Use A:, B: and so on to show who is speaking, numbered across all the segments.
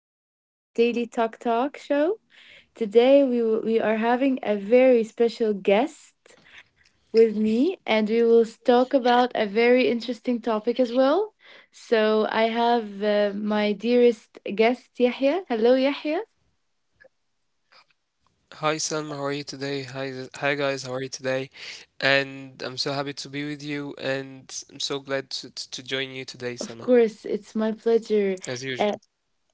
A: in our daily Talk Talk show. Today, we are having a very special guest with me, and we will talk about a very interesting topic as well. So, I have my dearest guest, Yahya. Hello, Yahya.
B: Hi, Sam, how are you today? Hi, hi guys, how are you today? And I'm so happy to be with you, and I'm so glad to join you
A: Of
B: today,
A: course,
B: Salma,
A: it's my pleasure.
B: as usual.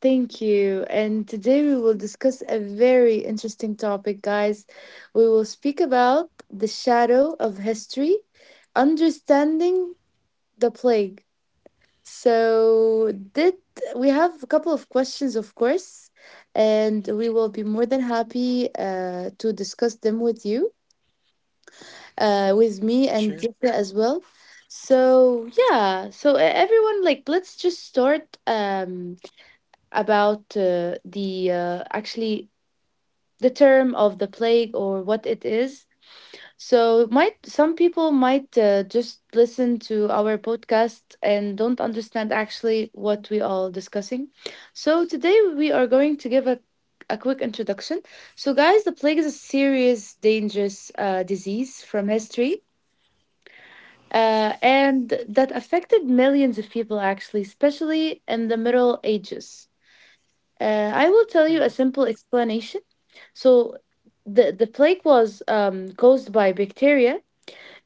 A: Thank you. And today we will discuss a very interesting topic, guys. We will speak about the shadow of history, understanding the plague. So, did we have a couple of questions, of course, and we will be more than happy to discuss them with you, with me and Dita as
B: Sure.
A: well. So, yeah, so everyone, like, let's just start. About the actually the term of the plague or what it is. So might some people might just listen to our podcast and don't understand actually what we are discussing. So today we are going to give a quick introduction. So guys, the plague is a serious dangerous disease from history. And that affected millions of people actually, especially in the Middle Ages. I will tell you a simple
B: Hmm.
A: explanation. So, the plague was caused by bacteria.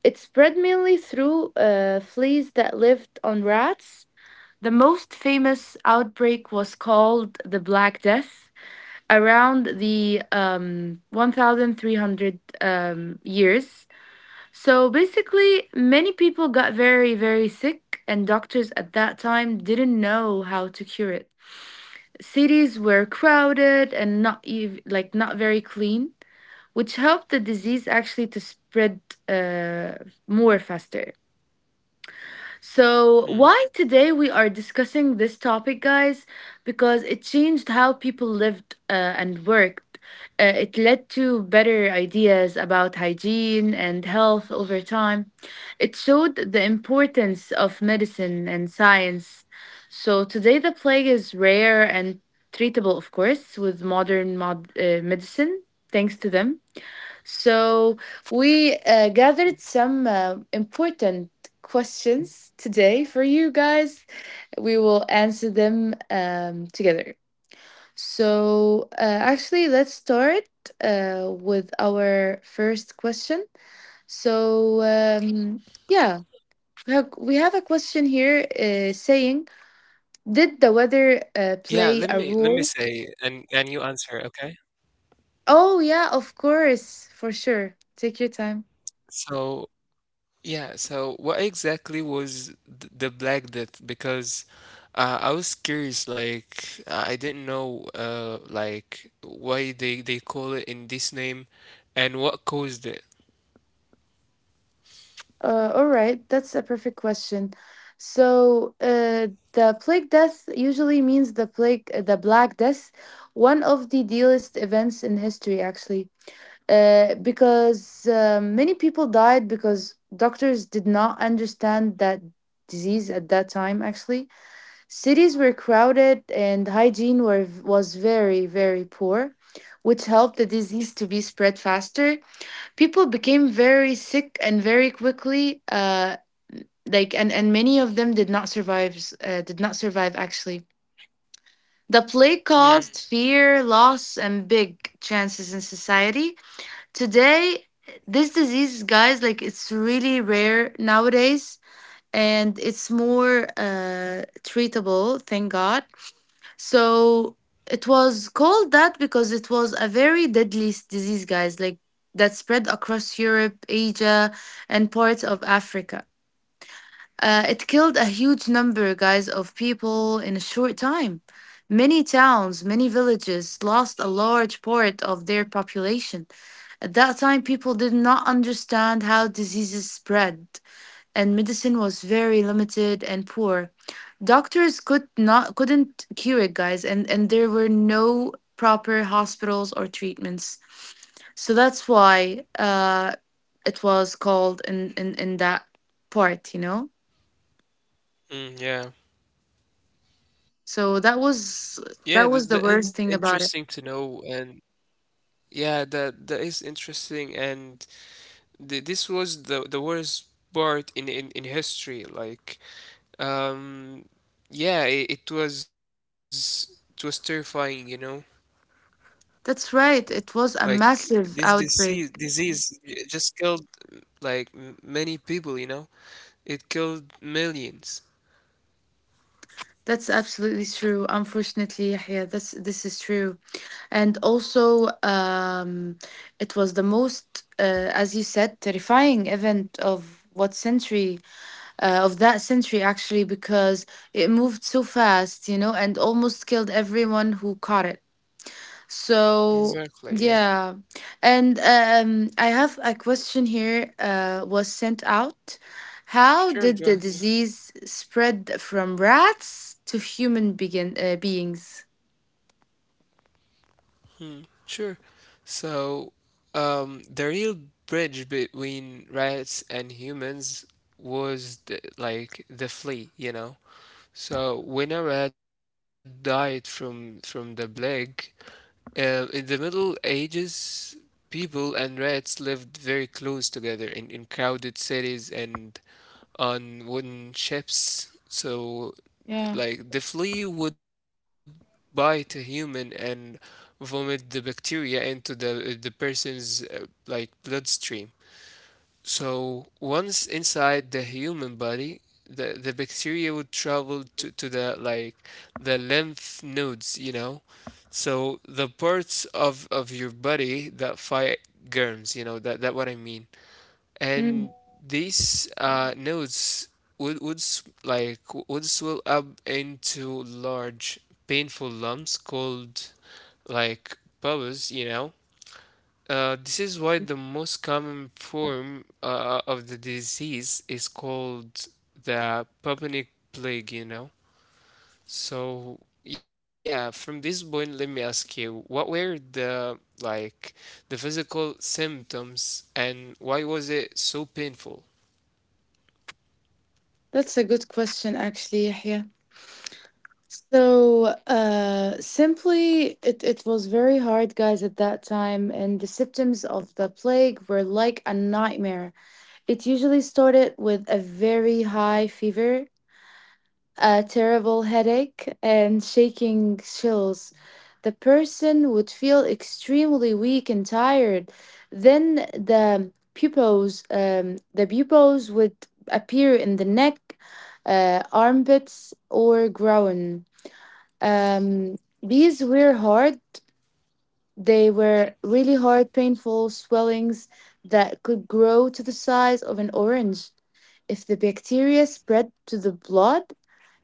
A: It spread mainly through fleas that lived on rats. The most famous outbreak was called the Black Death around the 1300 years. So, basically, many people got very, very sick, and doctors at that time didn't know how to cure it. Cities were crowded and not ev- like not very clean, which helped the disease actually to spread uh, more faster. So, why
B: Hmm.
A: today we are discussing this topic, guys? Because it changed how people lived and worked. It led to better ideas about hygiene and health over time. It showed the importance of medicine and science. So, today the plague is rare and treatable, of course, with modern medicine, thanks to them. So we gathered some important questions today for you guys. We will answer them together. So actually, let's start with our first question. So yeah, we have a question here saying, "Did the weather
B: Yeah. Let me let
A: play
B: me
A: a
B: say,
A: role?"
B: and you answer, okay?
A: Oh yeah, of course, for sure. Take your time.
B: So yeah. So what exactly was the Black Death? Because I was curious. Like I didn't know, like why they call it in this name, and what caused it.
A: All right, that's a perfect question. So, the plague death usually means the plague, the Black Death, one of the dearest events in history, actually, because many people died because doctors did not understand that disease at that time. Actually, cities were crowded and hygiene were was very, very poor, which helped the disease to be spread faster. People became very sick and very quickly, and many of them did not survive actually. The
B: Hmm.
A: plague caused fear, loss, and big chances in society. Today this disease, guys, like, it's really rare nowadays, and it's more treatable, thank god. So it was called that because it was a very deadly disease, guys, like that spread across Europe, Asia, and parts of Africa. It killed a huge number, guys, of people in a short time. Many towns, many villages lost a large part of their population. At that time, people did not understand how diseases spread, and medicine was very limited and poor. Doctors couldn't cure it, guys, and there were no proper hospitals or treatments. So that's why it was called in that part, you know?
B: Hmm. Yeah.
A: So
B: Yeah, the in
A: that was the worst
B: interesting
A: thing
B: to
A: about it.
B: know, and yeah, that is interesting, and this was the worst part in history. Like, um, yeah, it was terrifying.
A: That's right. It was a
B: Like this
A: massive
B: disease
A: outbreak.
B: disease just killed like m many people. It killed millions.
A: That's absolutely true. Unfortunately, Yahya, this is true. And also, it was the most, as you said, terrifying event of that century actually, because it moved so fast, you know, and almost killed everyone who caught it.
B: Exactly.
A: So
B: Yeah.
A: yeah, and I have a question here. Was sent out. How
B: Sure.
A: did
B: Go.
A: the disease spread from rats to human begin beings?
B: Sure. So, the real bridge between rats and humans was like the flea. So when a rat died from the plague, in the Middle Ages, people and rats lived very close together in crowded cities and on wooden ships.
A: Yeah,
B: So like the flea would bite a human and vomit the bacteria into the person's like bloodstream. So once inside the human body, the bacteria would travel to the like the lymph nodes. So the parts of your body that fight germs, that what I mean
A: mm,
B: and these nodes would s- like w- would swell up into large painful lumps called like pus. This is why the most common form of the disease is called the bubonic plague. So yeah, from this point, let me ask you, what were the like the physical symptoms and why was it so painful?
A: that's a good question, actually, Yahya. So, simply, it was very hard, guys, at that time, and the symptoms of the plague were like a nightmare. It usually started with a very high fever, a terrible headache, and shaking chills. The person would feel extremely weak and tired. Then the pupils would appear in the neck, armpits, or groin. Um, these were hard. They were really hard, painful swellings that could grow to the size of an orange. If the bacteria spread to the blood,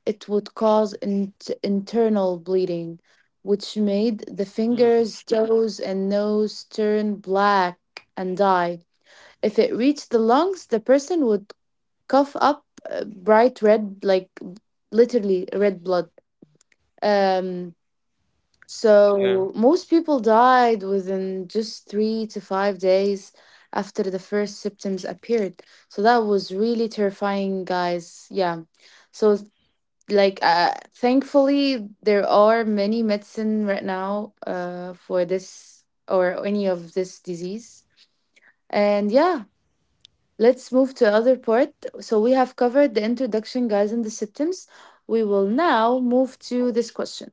A: it would cause internal bleeding, which made the fingers, toes, and nose turn black and die. If it reached the lungs, the person would cough up bright red, like literally red blood. Um,
B: Yeah.
A: so most people died within just 3 to 5 days after the first symptoms appeared. So that was really terrifying, guys. Yeah. So like thankfully there are many medicine right now for this or any of this disease. And yeah, let's move to other part. So we have covered the introduction, guys, and the symptoms. We will now move to this question: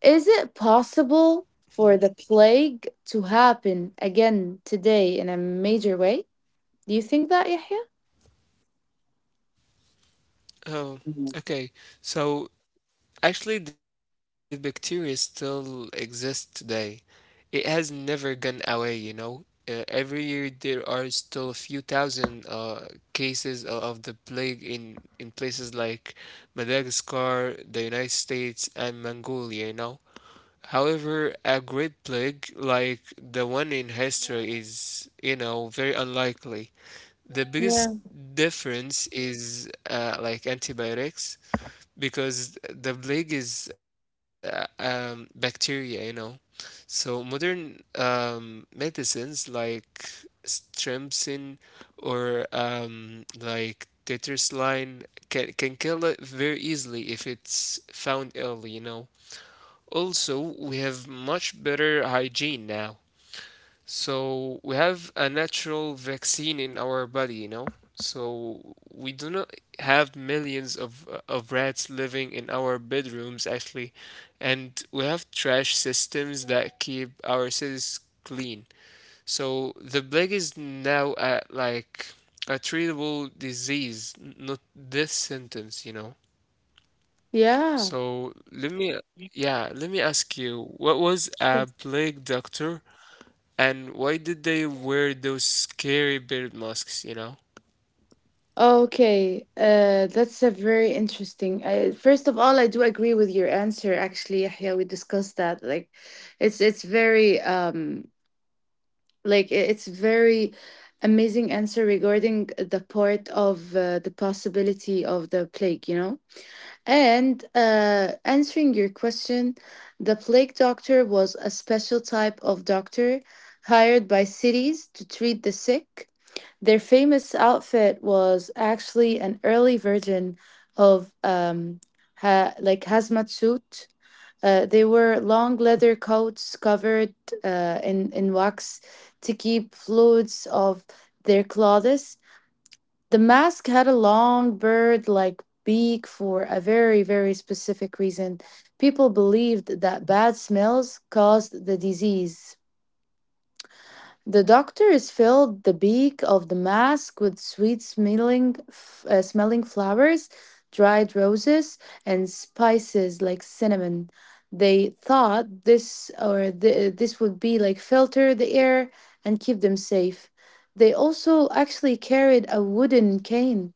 A: is it
B: Mm.
A: possible for the plague to happen again today in a major way, do you think that, Yahya?
B: Oh, okay. So actually, the bacteria still exists today. It has never gone away. Every year there are still a few thousand cases of the plague in places like Madagascar, the United States, and Mongolia. However, a great plague like the one in history is, very unlikely. The biggest
A: Yeah,
B: difference is like antibiotics, because the plague is bacteria. So modern medicines like strepsin or like tetracycline can kill it very easily if it's found early. Also, we have much better hygiene now, so we have a natural vaccine in our body, you know? So we do not have millions of rats living in our bedrooms actually, and we have trash systems that keep our cities clean. So the plague is now a treatable disease, not death sentence, you know?
A: yeah.
B: So let me ask you, what was a plague doctor and why did they wear those scary beard masks, you know?
A: Okay, that's a very interesting. I, first of all, I do agree with your answer. Actually, Yahya, we discussed that. Like, it's very it's very amazing answer regarding the part of the possibility of the plague. You know, and answering your question, the plague doctor was a special type of doctor hired by cities to treat the sick. Their famous outfit was actually an early version of like hazmat suit. They wore long leather coats covered in wax to keep fluids of their clothes. The mask had a long bird-like beak for a very very specific reason. People believed that bad smells caused the disease. The doctors filled the beak of the mask with sweet smelling flowers, dried roses, and spices like cinnamon. They thought this would be like filter the air and keep them safe. They also actually carried a wooden cane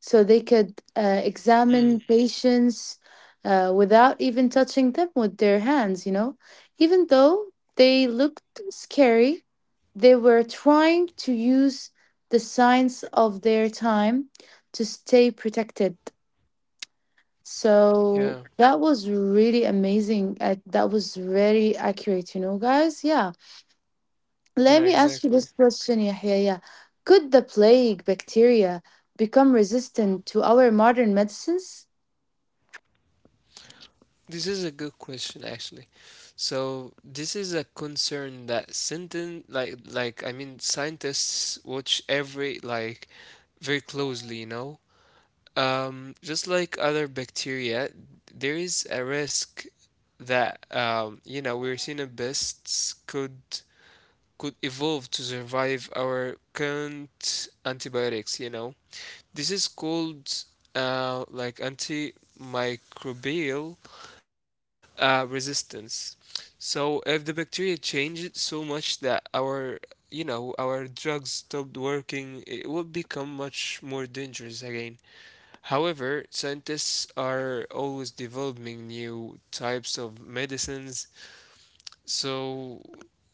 A: so they could
B: Mm,
A: examine patients without even touching them with their hands, you know. Even though they looked scary, they were trying to use the science of their time to stay protected.
B: yeah,
A: So that was really amazing. That was very accurate, you know, guys. Yeah.
B: yeah,
A: Let me ask you
B: exactly.
A: this question, Yahya. Yeah. Could the plague bacteria become resistant to our modern medicines?
B: This is a good question actually. So this is a concern that sentence like I mean scientists watch every like very closely, you know? Just like other bacteria, there is a risk that Yersinia pests could evolve to survive our current antibiotics. This is called like antimicrobial resistance. So if the bacteria changed so much that our you know our drugs stopped working, it would become much more dangerous again. However, scientists are always developing new types of medicines. So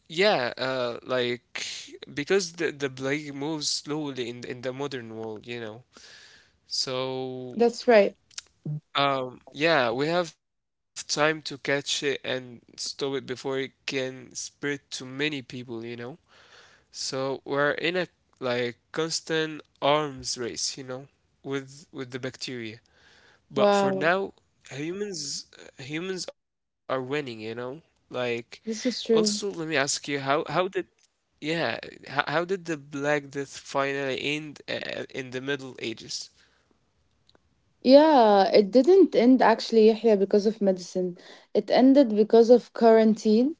B: yeah, like because the plague moves slowly in the modern world. So,
A: That's right.
B: Yeah, we have time to catch it and stop it before it can spread to many people, you know? So we're in a like constant arms race, with the bacteria. But for
A: Wow,
B: now, humans humans are winning, you know? Like
A: this
B: also
A: is
B: let me
A: true.
B: ask you, yeah, how did the Black Death finally end in the Middle Ages?
A: Yeah, it didn't end actually, Yahya, because of medicine. It ended because of quarantine.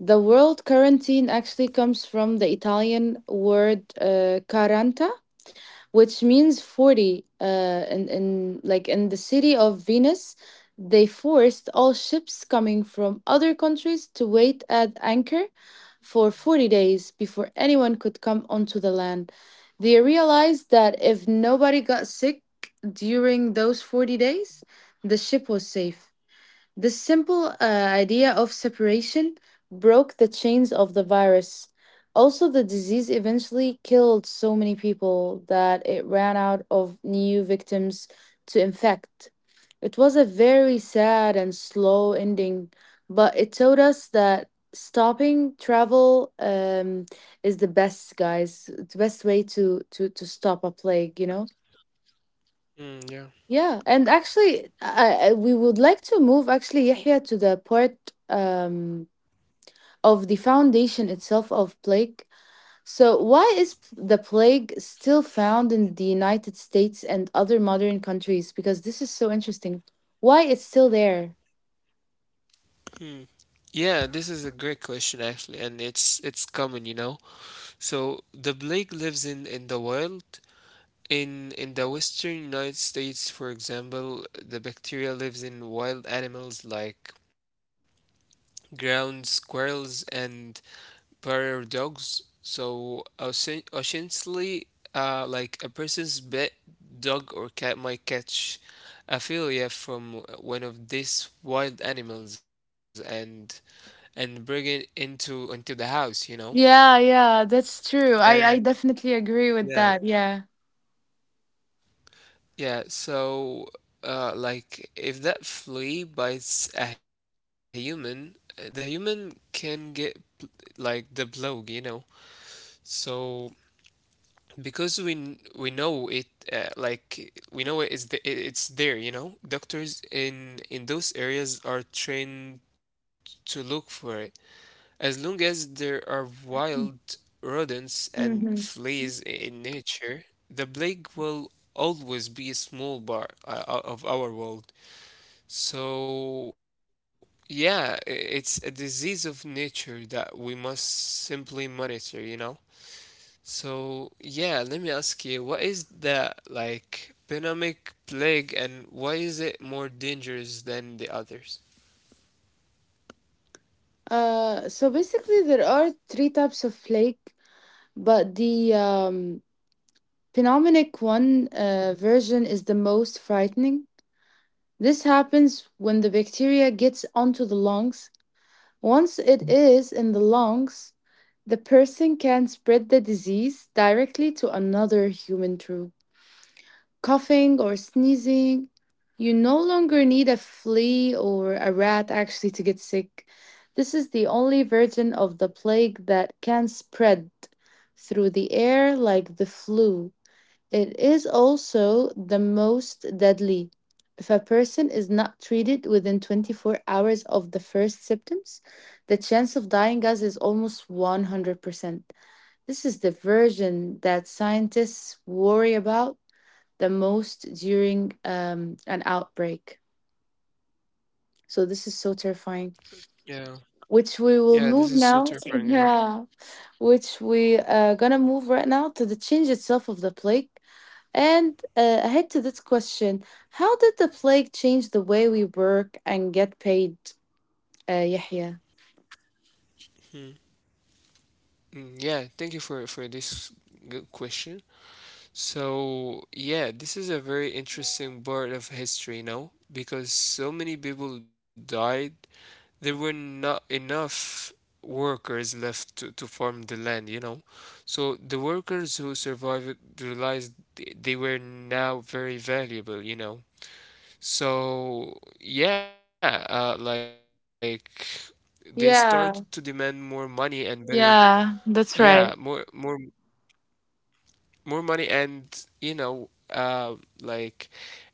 A: The word quarantine actually comes from the Italian word quaranta, which means 40, in like in the city of Venus. They forced all ships coming from other countries to wait at anchor for 40 days before anyone could come onto the land. They realized that if nobody got sick during those 40 days, the ship was safe. The simple idea of separation broke the chains of the virus. Also, the disease eventually killed so many people that it ran out of new victims to infect. It was a very sad and slow ending, but it taught us that stopping travel is the best, guys. It's the best way to, to stop a plague, you know?
B: Mm, yeah.
A: Yeah, and actually, we would like to move actually, Yahya, to the part um, of the foundation itself of plague. So, why is the plague still found in the United States and other modern countries? Because this is so interesting. Why it's still there?
B: Hmm. Yeah, this is a great question actually, and it's common. So the plague lives in the wild. In the western United States, for example, the bacteria lives in wild animals like ground squirrels and prairie dogs. So essentially, like a person's pet dog or cat might catch a philia from one of these wild animals, and bring it into the house, you know?
A: Yeah, yeah, that's true.
B: And
A: I definitely agree with
B: yeah,
A: that. Yeah.
B: yeah, so like if that flea bites a human, the human can get like the blow. So because we we know it, like we know it's it's there. Doctors in those areas are trained to look for it. As long as there are wild rodents and
A: Mm-hmm.
B: fleas in nature, the plague will always be a small part of our world. So, yeah, it's a disease of nature that we must simply monitor, you know? So, yeah, let me ask you, what is the like pandemic plague and why is it more dangerous than the others?
A: So basically, there are three types of plague, but the Pneumonic 1 version is the most frightening. This happens when the bacteria gets onto the lungs. Once it is in the lungs, the person can spread the disease directly to another human through coughing or sneezing. You no longer need a flea or a rat actually to get sick. This is the only version of the plague that can spread through the air like the flu. It is also the most deadly. If a person is not treated within 24 hours of the first symptoms, the chance of dying as is almost 100%. This is the version that scientists worry about the most during an outbreak. So this is so terrifying.
B: Yeah,
A: Which we will
B: yeah, this
A: move
B: is so
A: now.
B: terrifying, yeah.
A: Yeah. Which we gonna move right now to the change itself of the plague. And ahead to this question: how did the plague change the way we work and get paid, Yahya?
B: Hmm. Mm, yeah, thank you for this good question. So, yeah, this is a very interesting part of history, because so many people died, there were not enough workers left to farm the land. So the workers who survived realized they were now very valuable. So, yeah, like they started to demand
A: Yeah,
B: more money and better
A: yeah,
B: yeah,
A: that's
B: more
A: right.
B: more more money and uh, like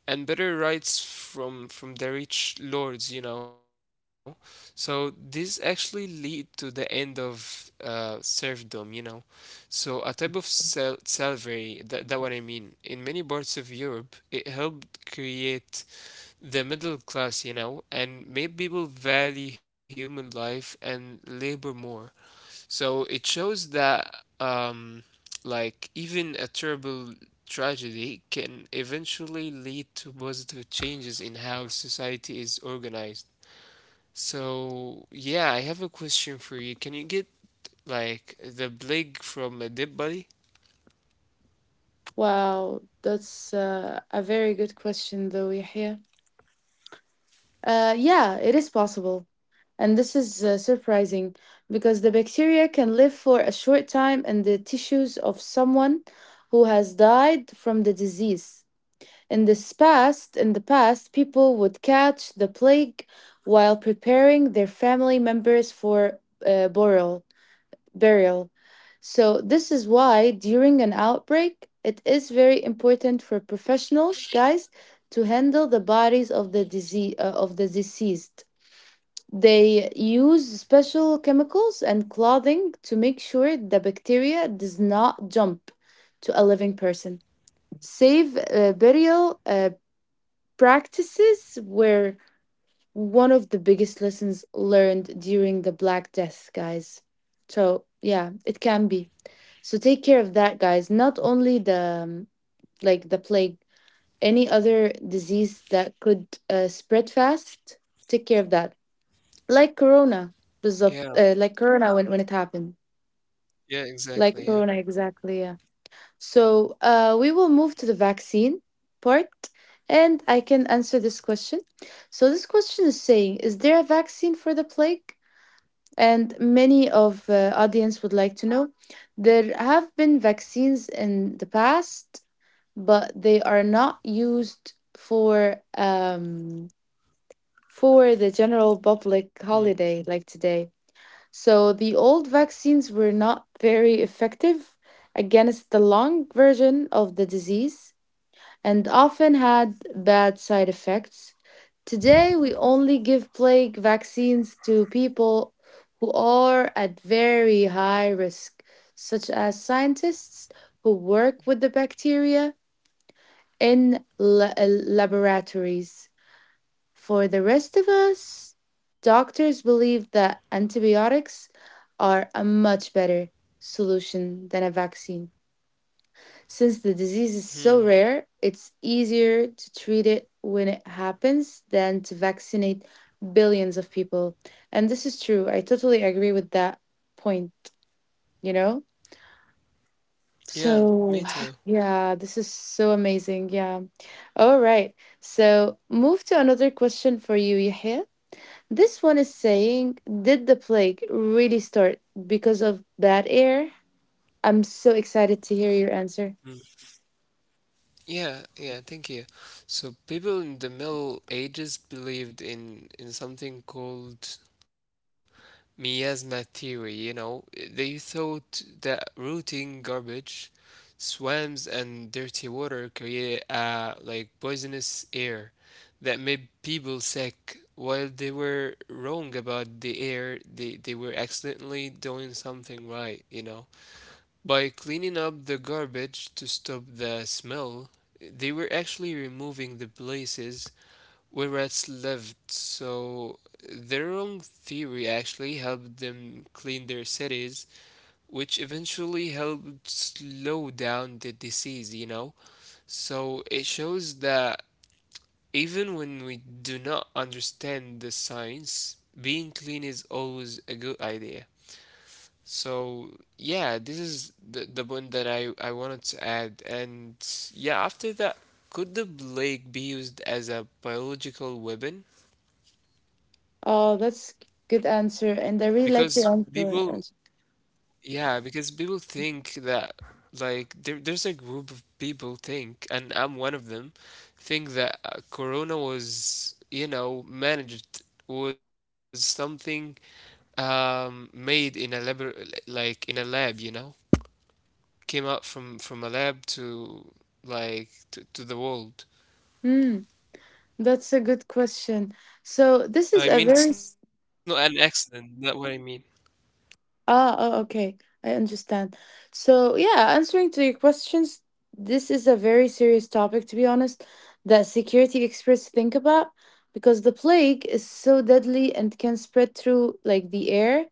B: better rights from the rich lords. So this actually lead to the end of serfdom. So a type of slavery, that what I mean, in many parts of Europe. It helped create the middle class and made people value human life and labor more. So it shows that um, like even a terrible tragedy can eventually lead to positive changes in how society is organized. So yeah, I have a question for you. Can you get like the plague from a dead body?
A: Wow, that's a very good question, though, Yahya. Yeah, it is possible. And this is surprising because the bacteria can live for a short time in the tissues of someone who has died from the disease. In the past, people would catch the plague while preparing their family members for burial. Burial. So this is why during an outbreak, it is very important for professionals, guys, to handle the bodies of the disease of the deceased. They use special chemicals and clothing to make sure the bacteria does not jump to a living person. Safe burial practices were one of the biggest lessons learned during the Black Death, guys. So yeah, it can be. So take care of that, guys. Not only the like the plague, any other disease that could spread fast. Take care of that, like Corona, بالظبط.
B: Yeah,
A: Like Corona when it happened,
B: yeah, exactly,
A: like
B: yeah.
A: Corona exactly. Yeah. So we will move to the vaccine part, and I can answer this question. So this question is saying, is there a vaccine for the plague? And many of audience would like to know. There have been vaccines in the past, but they are not used for the general public holiday like today. So the old vaccines were not very effective against the long version of the disease and often had bad side effects. Today, we only give plague vaccines to people who are at very high risk, such as scientists who work with the bacteria in laboratories. For the rest of us, doctors believe that antibiotics are a much better solution than a vaccine. Since the disease is
B: Mm-hmm.
A: so rare, it's easier to treat it when it happens than to vaccinate billions of people. And this is true. I totally agree with that point, you know?
B: Yeah,
A: So,
B: me too.
A: yeah, this is so amazing. Yeah. All right. So, move to another question for you, Yahya. This one is saying, did the plague really start because of bad air? I'm so excited to hear your answer.
B: Mm. Yeah, yeah, thank you. So people in the Middle Ages believed in something called Miasma theory. They thought that rotting garbage, swamps, and dirty water created a like poisonous air that made people sick. While they were wrong about the air, they were accidentally doing something right. By cleaning up the garbage to stop the smell, they were actually removing the places where rats lived, so their own theory actually helped them clean their cities, which eventually helped slow down the disease, you know? So it shows that even when we do not understand the science, being clean is always a good idea. So yeah, this is the one that I wanted to add. And yeah, after that, could the plague be used as a biological weapon?
A: Oh, that's good answer. And I
B: Because
A: really liked your
B: people,
A: answer. Also.
B: yeah, because people think that like there's a group of people think, and I'm one of them, think that Corona was managed was something made in a lab, like in a lab, came out from a lab to the world.
A: Hmm, that's a good question. So this
B: I
A: is a
B: mean, it's
A: very—
B: not an accident, not what I mean.
A: ah, oh, okay. I understand. So, yeah, answering to your questions, this is a very serious topic, to be honest, that security experts think about because the plague is so deadly and can spread through like the air,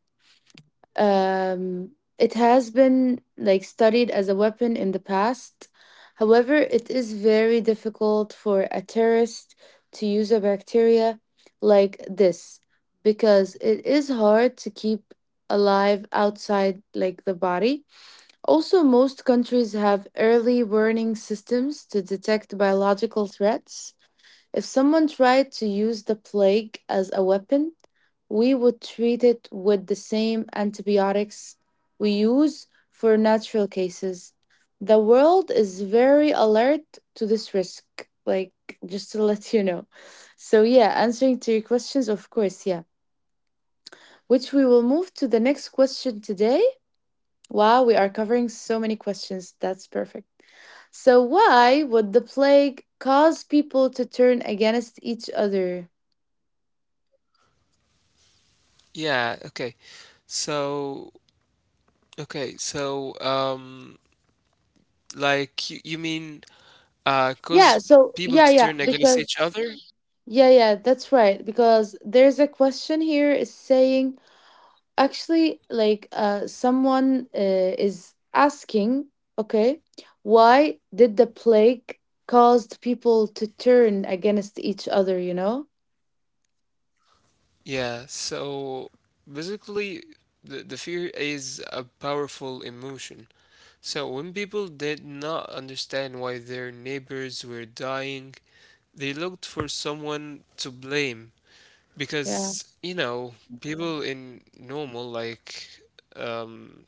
A: um, it has been like studied as a weapon in the past. However, it is very difficult for a terrorist to use a bacteria like this because it is hard to keep alive outside like the body. Also, most countries have early warning systems to detect biological threats. If someone tried to use the plague as a weapon, we would treat it with the same antibiotics we use for natural cases. The world is very alert to this risk, like just to let you know. So, yeah, answering to your questions, of course, yeah. Which we will move to the next question today. Wow, we are covering so many questions. That's perfect. So, why would the plague cause people to turn against each other?
B: Yeah, okay. So, okay, so like you mean
A: Yeah,
B: cause
A: so yeah,
B: people to turn against
A: because
B: each other.
A: yeah, yeah, that's right. Because there's a question here is saying actually like someone is asking, okay, why did the plague caused people to turn against each other, you know?
B: Yeah, so basically, the fear is a powerful emotion. So when people did not understand why their neighbors were dying, they looked for someone to blame
A: Yeah.
B: because you know people in normal, like, um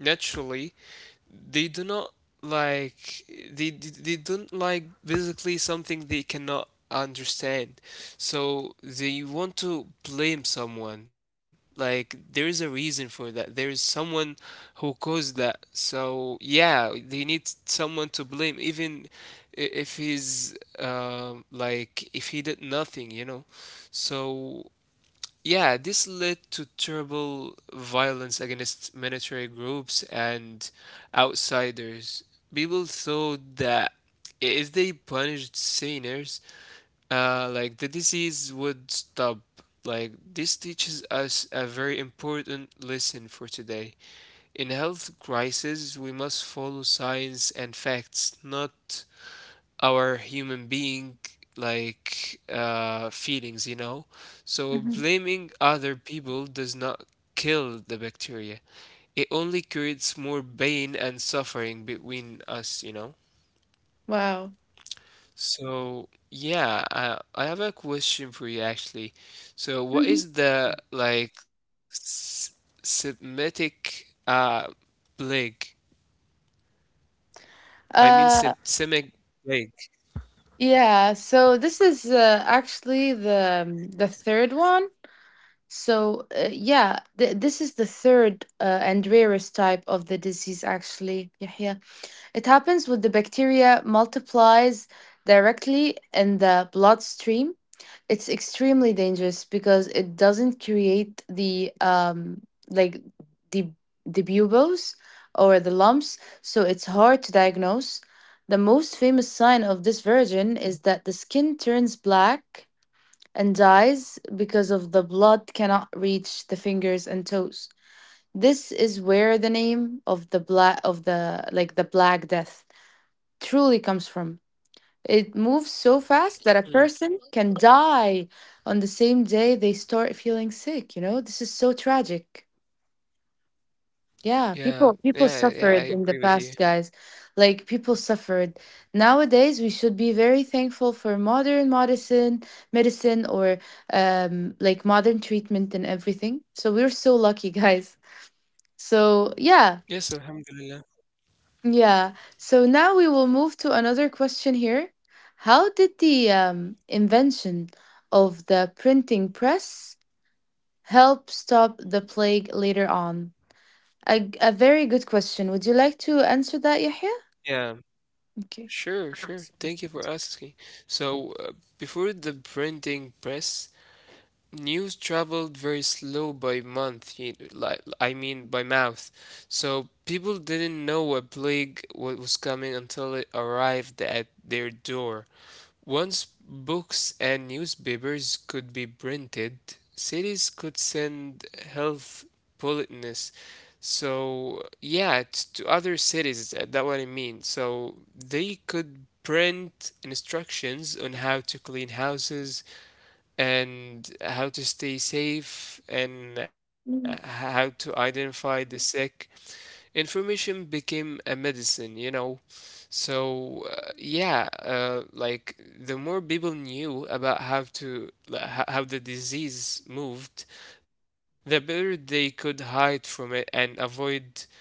B: naturally, they do not like they don't like basically something they cannot understand. So they want to blame someone. Like, there is a reason for that. There is someone who caused that. So yeah, they need someone to blame, even if he's like if he did nothing. So yeah, this led to terrible violence against military groups and outsiders. People thought that if they punished sinners, like the disease would stop. Like, this teaches us a very important lesson for today. In health crisis, we must follow science and facts, not our human being like feelings, you know? So
A: Mhm.
B: blaming other people does not kill the bacteria. It only creates more pain and suffering between us, you know?
A: Wow.
B: So yeah, I have a question for you actually. So what
A: Mhm.
B: is the like Semitic plague? I mean,
A: Uh
B: Semitic plague.
A: yeah, so this is actually the third one. So, yeah, this is the third and rarest type of the disease, actually, Yahya. It happens when the bacteria multiplies directly in the bloodstream. It's extremely dangerous because it doesn't create the like the the buboes or the lumps, so it's hard to diagnose. The most famous sign of this version is that the skin turns black and dies because of the blood cannot reach the fingers and toes. This is where the name of the like the Black Death truly comes from. It moves so fast that a
B: Mm.
A: person can die on the same day they start feeling sick, you know? This is so tragic.
B: Yeah,
A: Yeah,
B: yeah,
A: people
B: yeah, I agree
A: suffered
B: with
A: in the
B: you.
A: past, guys. Like people suffered. Nowadays, we should be very thankful for modern medicine, medicine or like modern treatment and everything. So we're so lucky, guys. So, yeah.
B: Yes, Alhamdulillah.
A: Yeah. So now we will move to another question here. How did the invention of the printing press help stop the plague later on? A very good question. Would you like to answer that, Yahya?
B: Yeah.
A: Okay.
B: Sure, sure. Thank you for asking. So, before the printing press, news traveled very slow by month, like I mean by mouth. So people didn't know a plague was coming until it arrived at their door. Once books and newspapers could be printed, cities could send health bulletins. So yeah, to other cities, that what I mean. So they could print instructions on how to clean houses and how to stay safe, and how
A: Mm.
B: to identify the sick. Information became a medicine, you know. So, like the more people knew about how to like, ho- how the disease moved, the better they could hide from it and avoid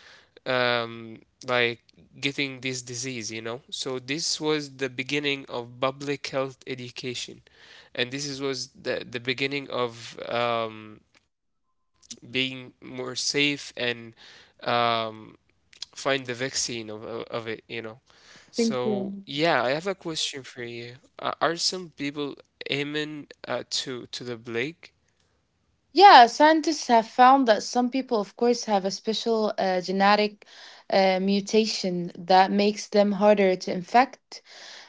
B: um, like getting this disease, you know. So this was the beginning of public health education, and was the beginning of being more safe, and um, find the vaccine of it, you know. So
A: Thank you.
B: yeah, I have a question for you. Are some people immune to the plague?
A: Yeah, scientists have found that some people, of course, have a special genetic mutation that makes them harder to infect.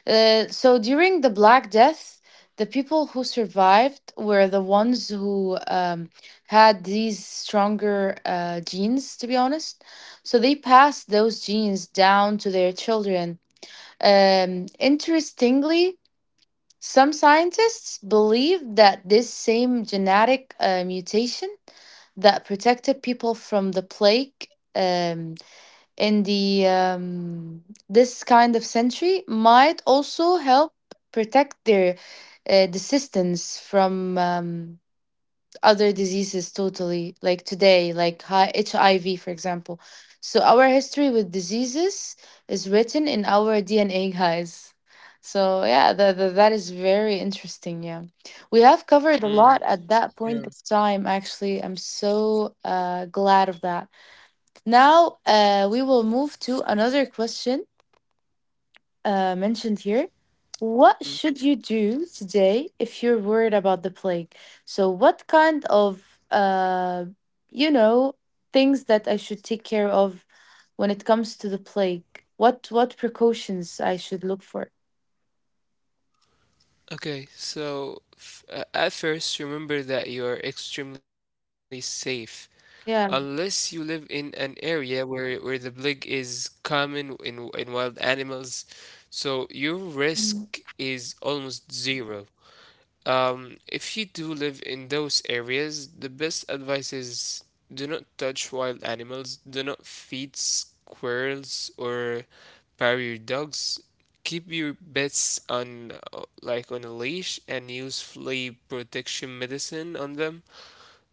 A: So during the Black Death, the people who survived were the ones who had these stronger genes, to be honest. So they passed those genes down to their children. Interestingly, some scientists believe that this same genetic mutation that protected people from the plague um, in the this kind of century might also help protect their descendants from other diseases totally like today, like hiv, for example. So our history with diseases is written in our dna, guys. So yeah, that is very interesting. Yeah, we have covered a
B: Mm,
A: lot at that
B: yeah.
A: point of time. Actually, I'm so glad of that. Now we will move to another question mentioned here.
B: Mm.
A: What should you do today if you're worried about the plague? So, what kind of, you know, things that I should take care of when it comes to the plague? What precautions I should look for?
B: Okay, so f at first, remember that you are extremely safe unless you
A: Yeah.
B: live in an area where the plague is common in wild animals. So your risk
A: Mm.
B: is almost zero. If you do live in those areas, the best advice is: do not touch wild animals, do not feed squirrels or bury your dogs. Keep your pets on on a leash, and use flea protection medicine on them.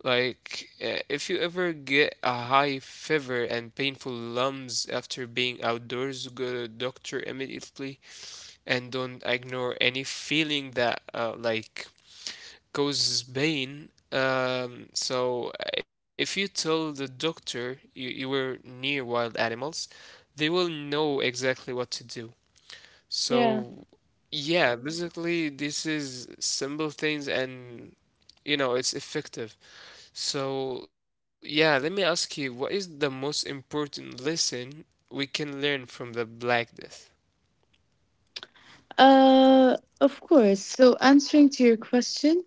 B: If you ever get a high fever and painful lumps after being outdoors, go to doctor immediately, and don't ignore any feeling that causes pain. If you tell the doctor you were near wild animals, they will know exactly what to do.
A: Yeah.
B: So yeah, basically this is simple things, and you know it's effective. So yeah, let me ask you, what is the most important lesson we can learn from the Black Death?
A: Of course. So, answering to your question,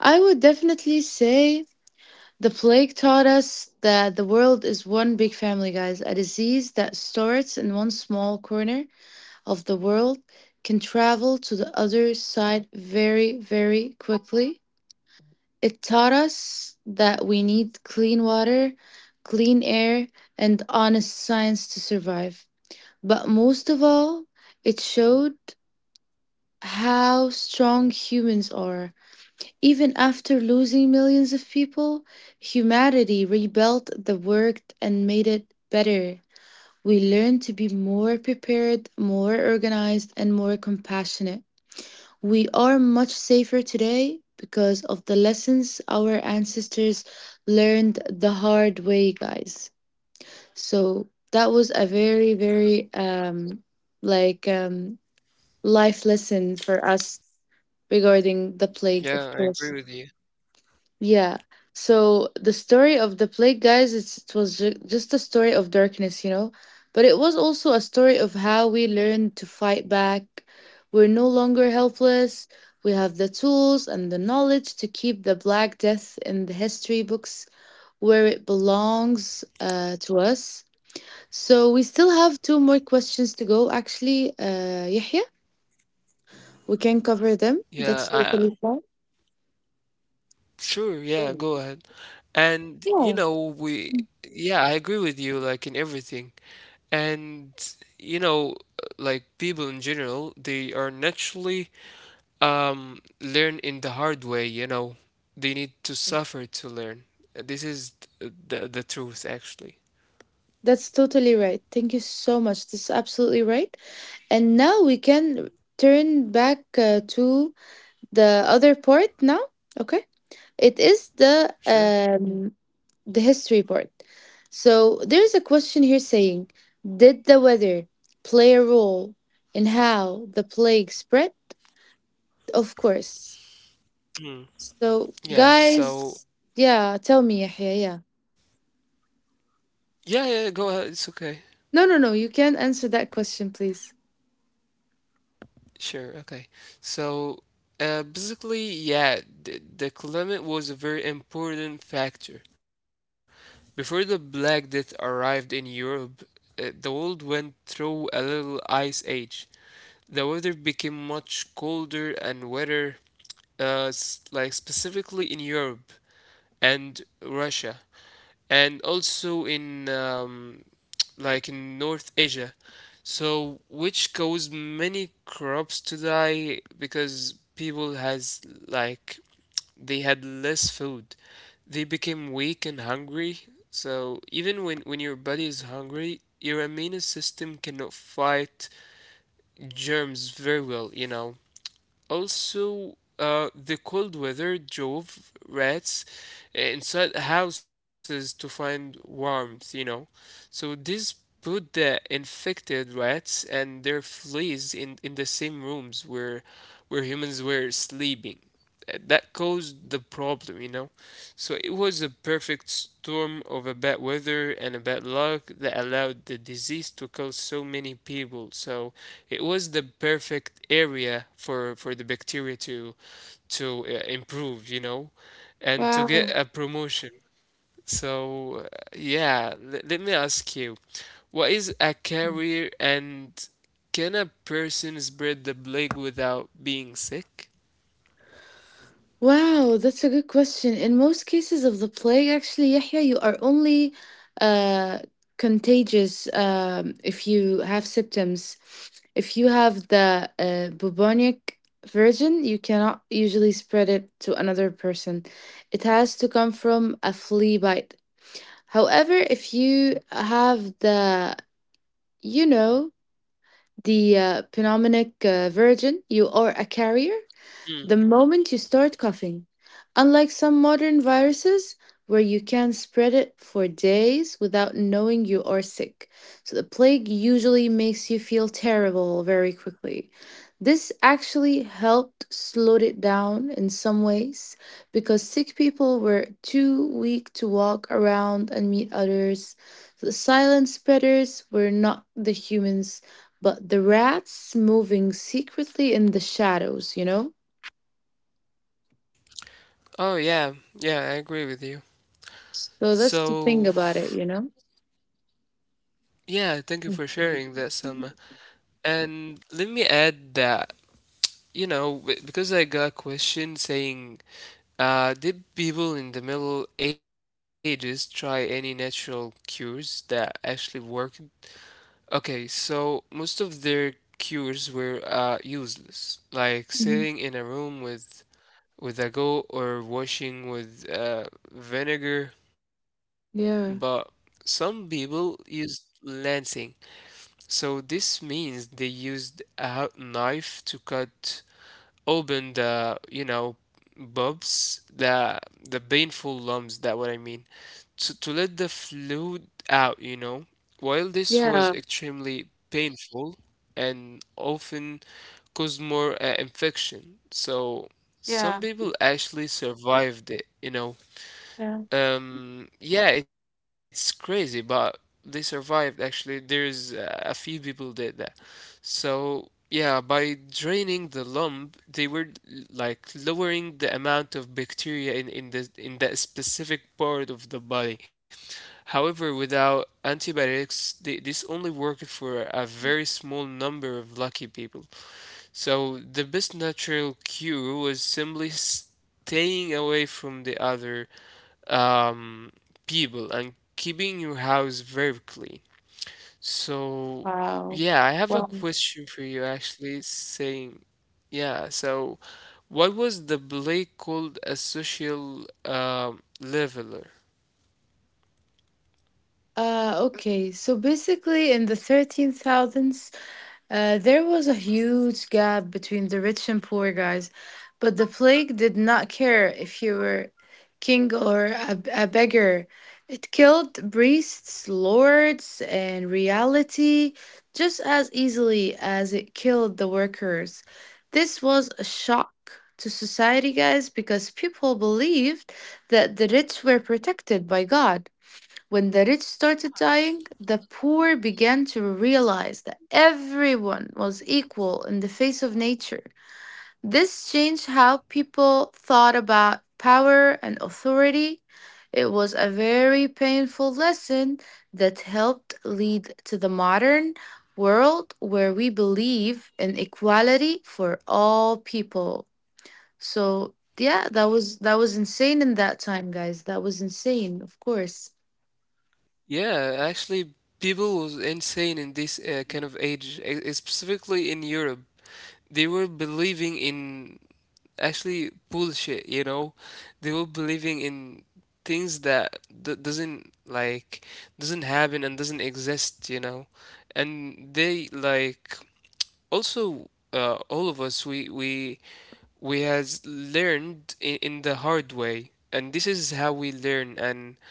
A: I would definitely say the plague taught us that the world is one big family, guys. A disease that starts in one small corner of the world can travel to the other side very, very quickly. It taught us that we need clean water, clean air, and honest science to survive. But most of all, it showed how strong humans are. Even after losing millions of people, humanity rebuilt the world and made it better. We learned to be more prepared, more organized, and more compassionate. We are much safer today because of the lessons our ancestors learned the hard way, guys. So that was a very, very like life lesson for us regarding the plague, of
B: Yeah, I
A: course.
B: agree with you.
A: Yeah. So the story of the plague, guys, it was just a story of darkness, you know, but it was also a story of how we learned to fight back. We're no longer helpless. We have the tools and the knowledge to keep the Black Death in the history books where it belongs to us. So we still have two more questions to go, actually, Yahya. We can cover them.
B: Yeah,
A: That's
B: I.
A: totally fine.
B: Sure, yeah, go ahead. And you
A: Yeah.
B: know, we yeah, I agree with you like in everything. And you know, like people in general, they are naturally learn in the hard way, you know. They need to suffer to learn. This is the truth actually.
A: That's totally right. Thank you so much. This is absolutely right. And now we can turn back to the other part now. Okay. It is
B: Sure.
A: the history part. So there's a question here saying, did the weather play a role in how the plague spread? Of course. So
B: Yeah, so
A: guys, yeah, tell me, Yahya, yeah.
B: yeah, yeah, go ahead. It's okay.
A: No, no, no. You can answer that question, please.
B: Sure, okay. So, yeah, the climate was a very important factor. Before the Black Death arrived in Europe, the world went through a little ice age. The weather became much colder and wetter, specifically in Europe and Russia, and also in in North Asia. So, which caused many crops to die, because people has like they had less food. They became weak and hungry. So even when your body is hungry, your immune system cannot fight germs very well, you know. Also, the cold weather drove rats inside houses to find warmth, you know. So this put the infected rats and their fleas in the same rooms where humans were sleeping. That caused the problem, you know. So it was a perfect storm of a bad weather and a bad luck that allowed the disease to kill so many people. So it was the perfect area for the bacteria to improve, you know, and to
A: Wow.
B: get a promotion. So, let me ask you, what is a carrier, and can a person spread the plague without being sick?
A: Wow, that's a good question. In most cases of the plague, actually, Yahya, you are only uh, contagious, if you have symptoms. If you have the bubonic virgin, you cannot usually spread it to another person. It has to come from a flea bite. However, if you have the, you know, the pneumonic virgin, you are a carrier the
B: Mm.
A: moment you start coughing. Unlike some modern viruses, where you can spread it for days without knowing you are sick. So the plague usually makes you feel terrible very quickly. This actually helped slow it down in some ways because sick people were too weak to walk around and meet others. The silent spreaders were not the humans, but the rats moving secretly in the shadows, you know?
B: Oh, yeah, yeah, I agree with you.
A: So that's the
B: So,
A: thing about it, you know?
B: yeah, thank you for sharing that, Selma. And let me add that, you know, because I got a question saying: did people in the Middle Ages try any natural cures that actually worked? Okay, so most of their cures were useless, like sitting
A: Mhm.
B: in a room with a go, or washing with vinegar. But
A: Yeah.
B: some people used lancing. So this means they used a hot knife to cut open the, you know, bulbs, the painful lumps that what I mean to let the fluid out, you know. While this
A: Yeah.
B: was extremely painful and often caused more infection, so
A: Yeah.
B: some people actually survived it, you know.
A: Yeah.
B: Yeah, it's crazy, but they survived actually. There's a few people did that. So, yeah, by draining the lump, they were lowering the amount of bacteria in the in that specific part of the body. However, without antibiotics, this only worked for a very small number of lucky people. So, the best natural cure was simply staying away from the other um, people, and keeping your house very clean. So,
A: Wow.
B: yeah, I have a
A: Wow.
B: question for you actually saying, yeah, so what was the play called a social leveler?
A: Okay. So basically, in the 13,000s, there was a huge gap between the rich and poor, guys, but the plague did not care if you were king or a beggar. It killed priests, lords, and reality just as easily as it killed the workers. This was a shock to society, guys, because people believed that the rich were protected by God. When the rich started dying, the poor began to realize that everyone was equal in the face of nature. This changed how people thought about power and authority. It was a very painful lesson that helped lead to the modern world where we believe in equality for all people. So, yeah, that was insane in that time, guys. That was insane, of course.
B: Yeah, actually, people was insane in this kind of age, specifically in Europe. They were believing in actually bullshit, you know? They were believing in things that doesn't happen and doesn't exist, you know? And they like also all of us, we has learned in the hard way, and this is how we learn. And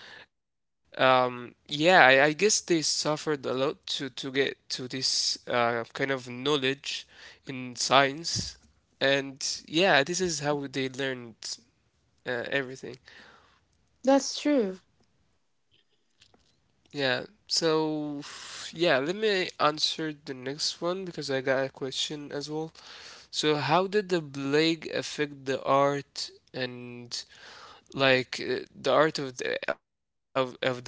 B: yeah, I guess they suffered a lot to get to this kind of knowledge in science. And yeah, this is how they learned everything.
A: That's true.
B: Yeah, so yeah, let me answer the next one, because I got a question as well. So how did the plague affect the art, and like the art of, the, of that time?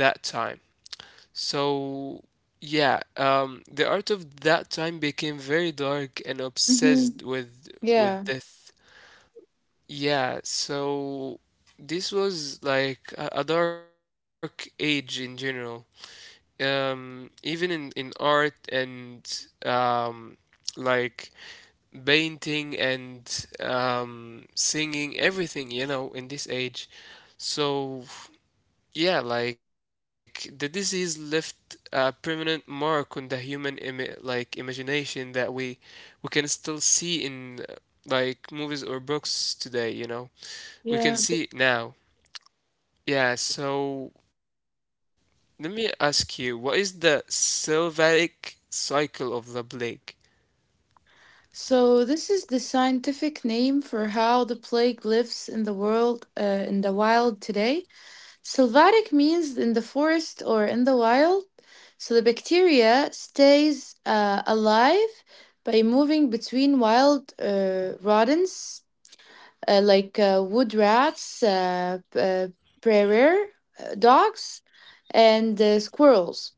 B: So yeah, the art of that time became very dark and obsessed
A: Hmm.
B: with
A: Yeah,
B: death. Yeah, so this was like a dark age in general. Even in art and um, like painting and singing, everything, you know, in this age. So yeah, like the disease left a permanent mark on the human imagination that we can still see in movies or books today, you know. We can see
A: yeah.
B: it now. Yeah, so let me ask you, what is the sylvatic cycle of the plague?
A: So this is the scientific name for how the plague lives in the world, in the wild today. Sylvatic means in the forest or in the wild. So the bacteria stays alive by moving between wild rodents, like wood rats, prairie dogs, and
B: Hmm.
A: squirrels.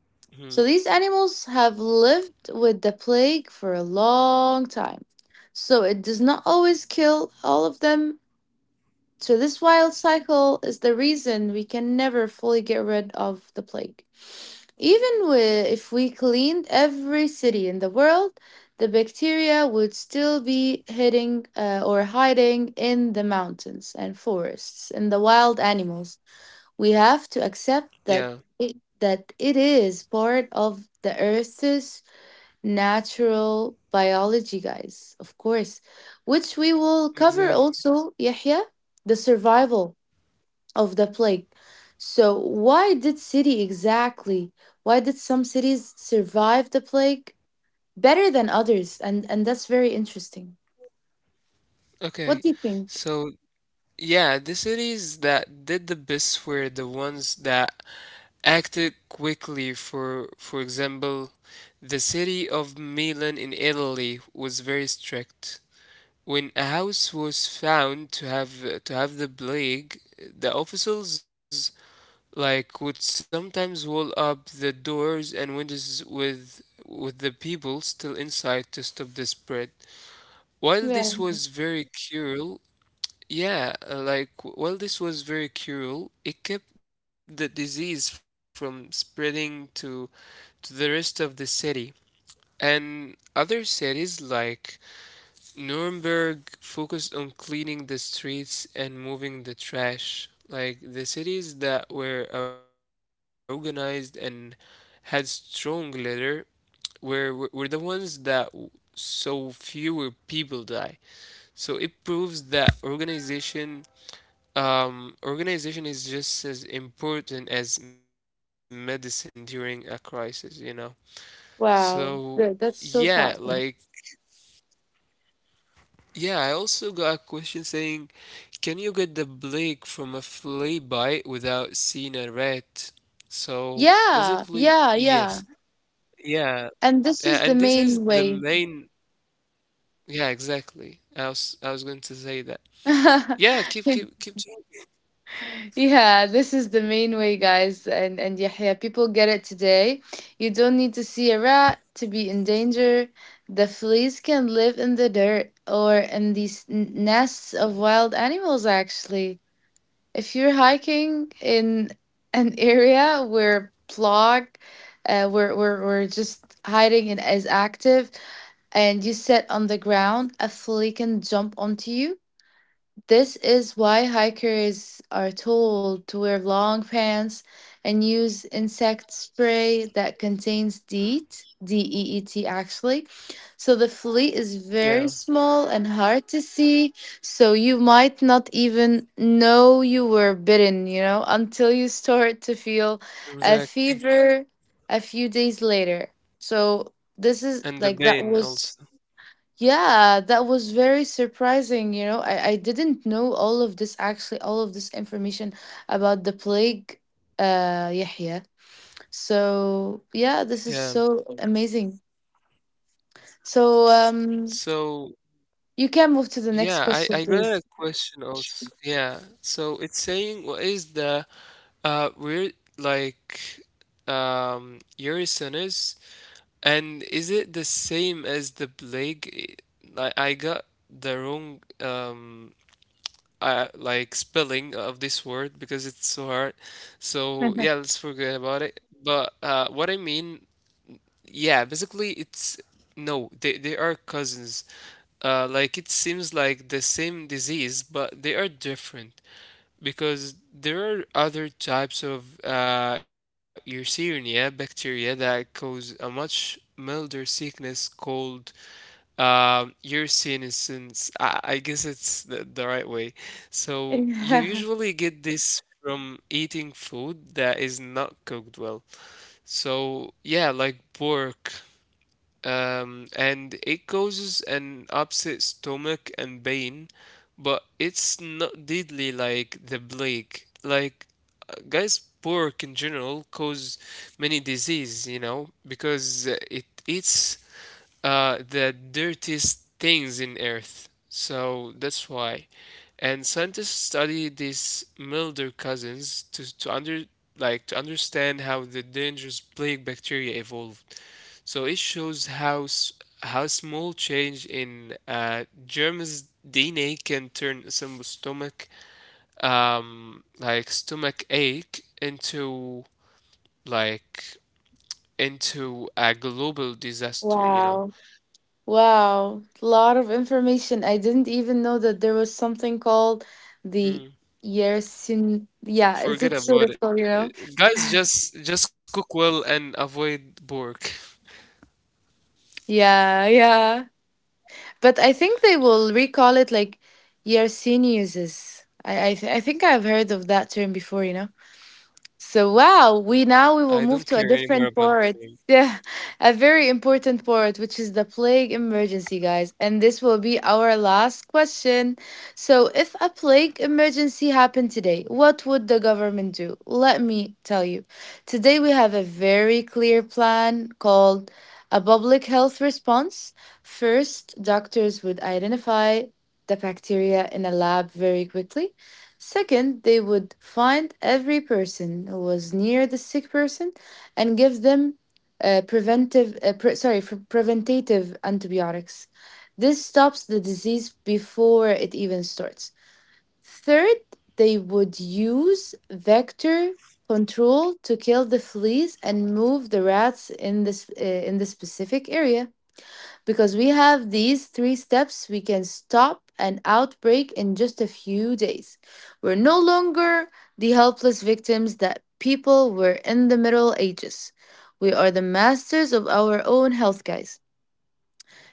A: So these animals have lived with the plague for a long time. So it does not always kill all of them, so this wild cycle is the reason we can never fully get rid of the plague. If we cleaned every city in the world, the bacteria would still be hiding or hiding in the mountains and forests and the wild animals. We have to
B: Yeah,
A: accept that it is part of the Earth's natural biology, guys, of course, which we
B: exactly.
A: will cover also, Yahya, the survival of the plague. So, why did city exactly? Why did some cities survive the plague better than others? And that's very interesting.
B: Okay,
A: What do you think?
B: so yeah, the cities that did the best were the ones that acted quickly. For example, the city of Milan in Italy was very strict. When a house was found to have the plague, the officials like would sometimes wall up the doors and windows with the people still inside to stop the spread. While
A: Yeah.
B: this was very cruel, yeah, while this was very cruel, it kept the disease from spreading to the rest of the city. And other cities like Nuremberg focused on cleaning the streets and moving the trash. Like the cities that were organized and had strong leader were the ones so fewer people die. So it proves that organization is just as important as medicine during a crisis, you know. So,
A: Wow.
B: yeah,
A: Good. That's
B: like,
A: so thoughtful.
B: yeah, I also got a question saying, can you get the blick from a flea bite without seeing a rat? So,
A: Yeah.
B: basically,
A: Yeah.
B: yes.
A: Yeah.
B: Yeah,
A: And this
B: and
A: is the
B: this is
A: main
B: the
A: way.
B: main. Yeah, exactly. I was going to say that. Yeah, keep talking.
A: Yeah, this is the main way, guys. And Yahya, people get it today. You don't need to see a rat to be in danger. The fleas can live in the dirt or in these nests of wild animals. Actually, if you're hiking in an area where plog, where just hiding and is active, and you sit on the ground, a flea can jump onto you. This is why hikers are told to wear long pants and use insect spray that contains DEET, D E E T actually. So the fleet is
B: Yeah,
A: very small and hard to see. So you might not even know you were bitten, you know, until you start to feel a
B: exactly.
A: fever a few days later. So this is
B: And the
A: like that
B: bane
A: was
B: also.
A: yeah, that was very surprising. You know, I didn't know all of this actually, all of this information about the plague, Yahya. So, yeah, this
B: Yeah.
A: is so amazing. So, um,
B: So,
A: you can move to the next
B: yeah,
A: question,
B: I got a
A: please.
B: question also. Yeah. So, it's saying what is the, we're like Eurysonus, and is it the same as the plague? I got the wrong spelling of this word because it's so hard. So yeah, let's forget about it. But yeah, basically it's no, they are cousins. It seems like the same disease, but they are different, because there are other types of Yersinia bacteria that cause a much milder sickness called Yersinisins. I guess it's the right way. So you
A: Yeah.
B: usually get this from eating food that is not cooked well. So yeah, like pork, and it causes an upset stomach and pain, but it's not deadly like the plague. Like, guys, pork in general cause many disease, you know, because it eats the dirtiest things in earth. So that's why. And scientists study these milder cousins to under like to understand how the dangerous plague bacteria evolved. So it shows how small change in germ's DNA can turn a simple stomach ache into like into a global
A: Wow.
B: disaster, you know.
A: Wow. A lot of information. I didn't even know that there was something called the
B: Mm.
A: Yersin. Yeah, is it sort of called,
B: Forget
A: you know?
B: about it. Guys, just cook well and avoid pork.
A: Yeah, yeah. But I think they will recall it like Yersinieses. I think I've heard of that term before, you know? So wow, we
B: I
A: now
B: don't
A: we will
B: care
A: move to
B: anymore
A: a
B: about the
A: different
B: name.
A: part. Yeah, a very important part, which is the plague emergency, guys. And this will be our last question. So, if a plague emergency happened today, what would the government do? Let me tell you. Today, we have a very clear plan called a public health response. First, doctors would identify the bacteria in a lab very quickly. Second, they would find every person who was near the sick person and give them preventive, pre- sorry, for preventative antibiotics. This stops the disease before it even starts. Third, they would use vector control to kill the fleas and move the rats in this in the specific area. Because we have these three steps, we can stop an outbreak in just a few days. We're no longer the helpless victims that people were in the Middle Ages. We are the masters of our own health, guys.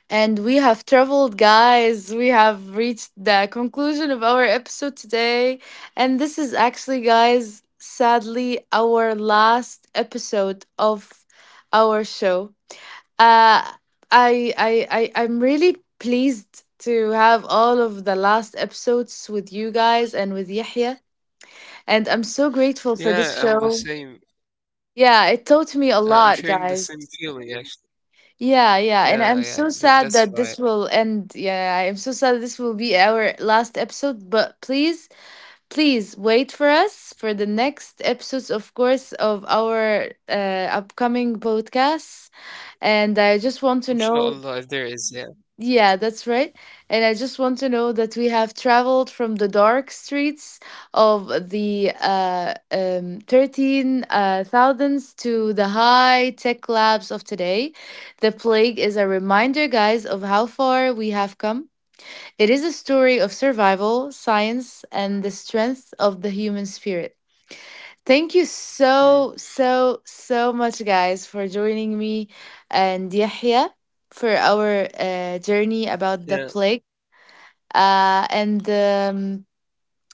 A: And we have traveled, guys. We have reached the conclusion of our episode today. And this is actually, guys, sadly, our last episode of our show. Uh, I'm really pleased to have all of the last episodes with you guys and with Yahya. And I'm so grateful for this
B: Yeah, I'm the
A: show.
B: same.
A: Yeah, it taught
B: I'm
A: me a
B: sharing the
A: lot,
B: same
A: guys.
B: feeling, actually.
A: Yeah, yeah.
B: Yeah,
A: And
B: yeah,
A: I'm so
B: that, that's
A: sad that
B: right.
A: this will end. Yeah, I'm so sad this will be our last episode. But please, please wait for us for the next episodes, of course, of our upcoming podcasts. And I just want to
B: Inshallah, if
A: know.
B: there is, yeah.
A: Yeah, that's right. And I just want to know that we have traveled from the dark streets of the 13 thousands to the high tech labs of today. The plague is a reminder, guys, of how far we have come. It is a story of survival, science, and the strength of the human spirit. Thank you so,
B: Hmm.
A: so, so much, guys, for joining me and Yahya for our journey
B: Yeah.
A: about the plague. And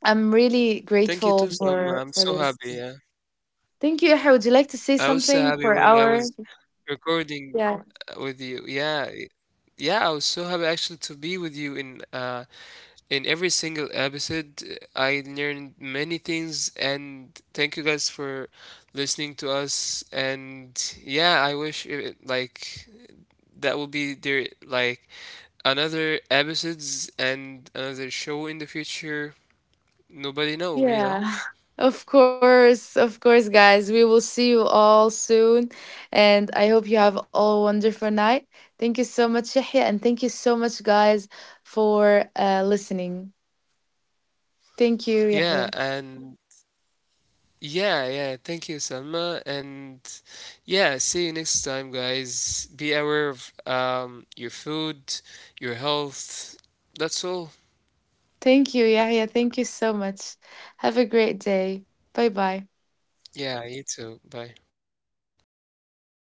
A: I'm really
B: Thank you
A: grateful
B: too, Sam.
A: for
B: I'm
A: for
B: so happy.
A: this.
B: Yeah.
A: Thank you, Yahya. Would you like to say
B: I was so
A: something
B: happy
A: for
B: when I was
A: our,
B: recording
A: yeah?
B: with you. Yeah, I was so happy actually to be with you in every single episode. I learned many things, and thank you guys for listening to us. And yeah, I wish it, that will be there like another episodes and another show in the future. Nobody know, you know.
A: Yeah, of course, guys. We will see you all soon. And I hope you have all a wonderful night. Thank you so much, Yahya. And thank you so much, guys, for listening. Thank you,
B: Yeah,
A: Yahya.
B: and Yeah, yeah. Thank you, Salma. And yeah, see you next time, guys. Be aware of your food, your health. That's all.
A: Thank you, Yahya. Thank you so much. Have a great day. Bye bye.
B: Yeah, you too. Bye.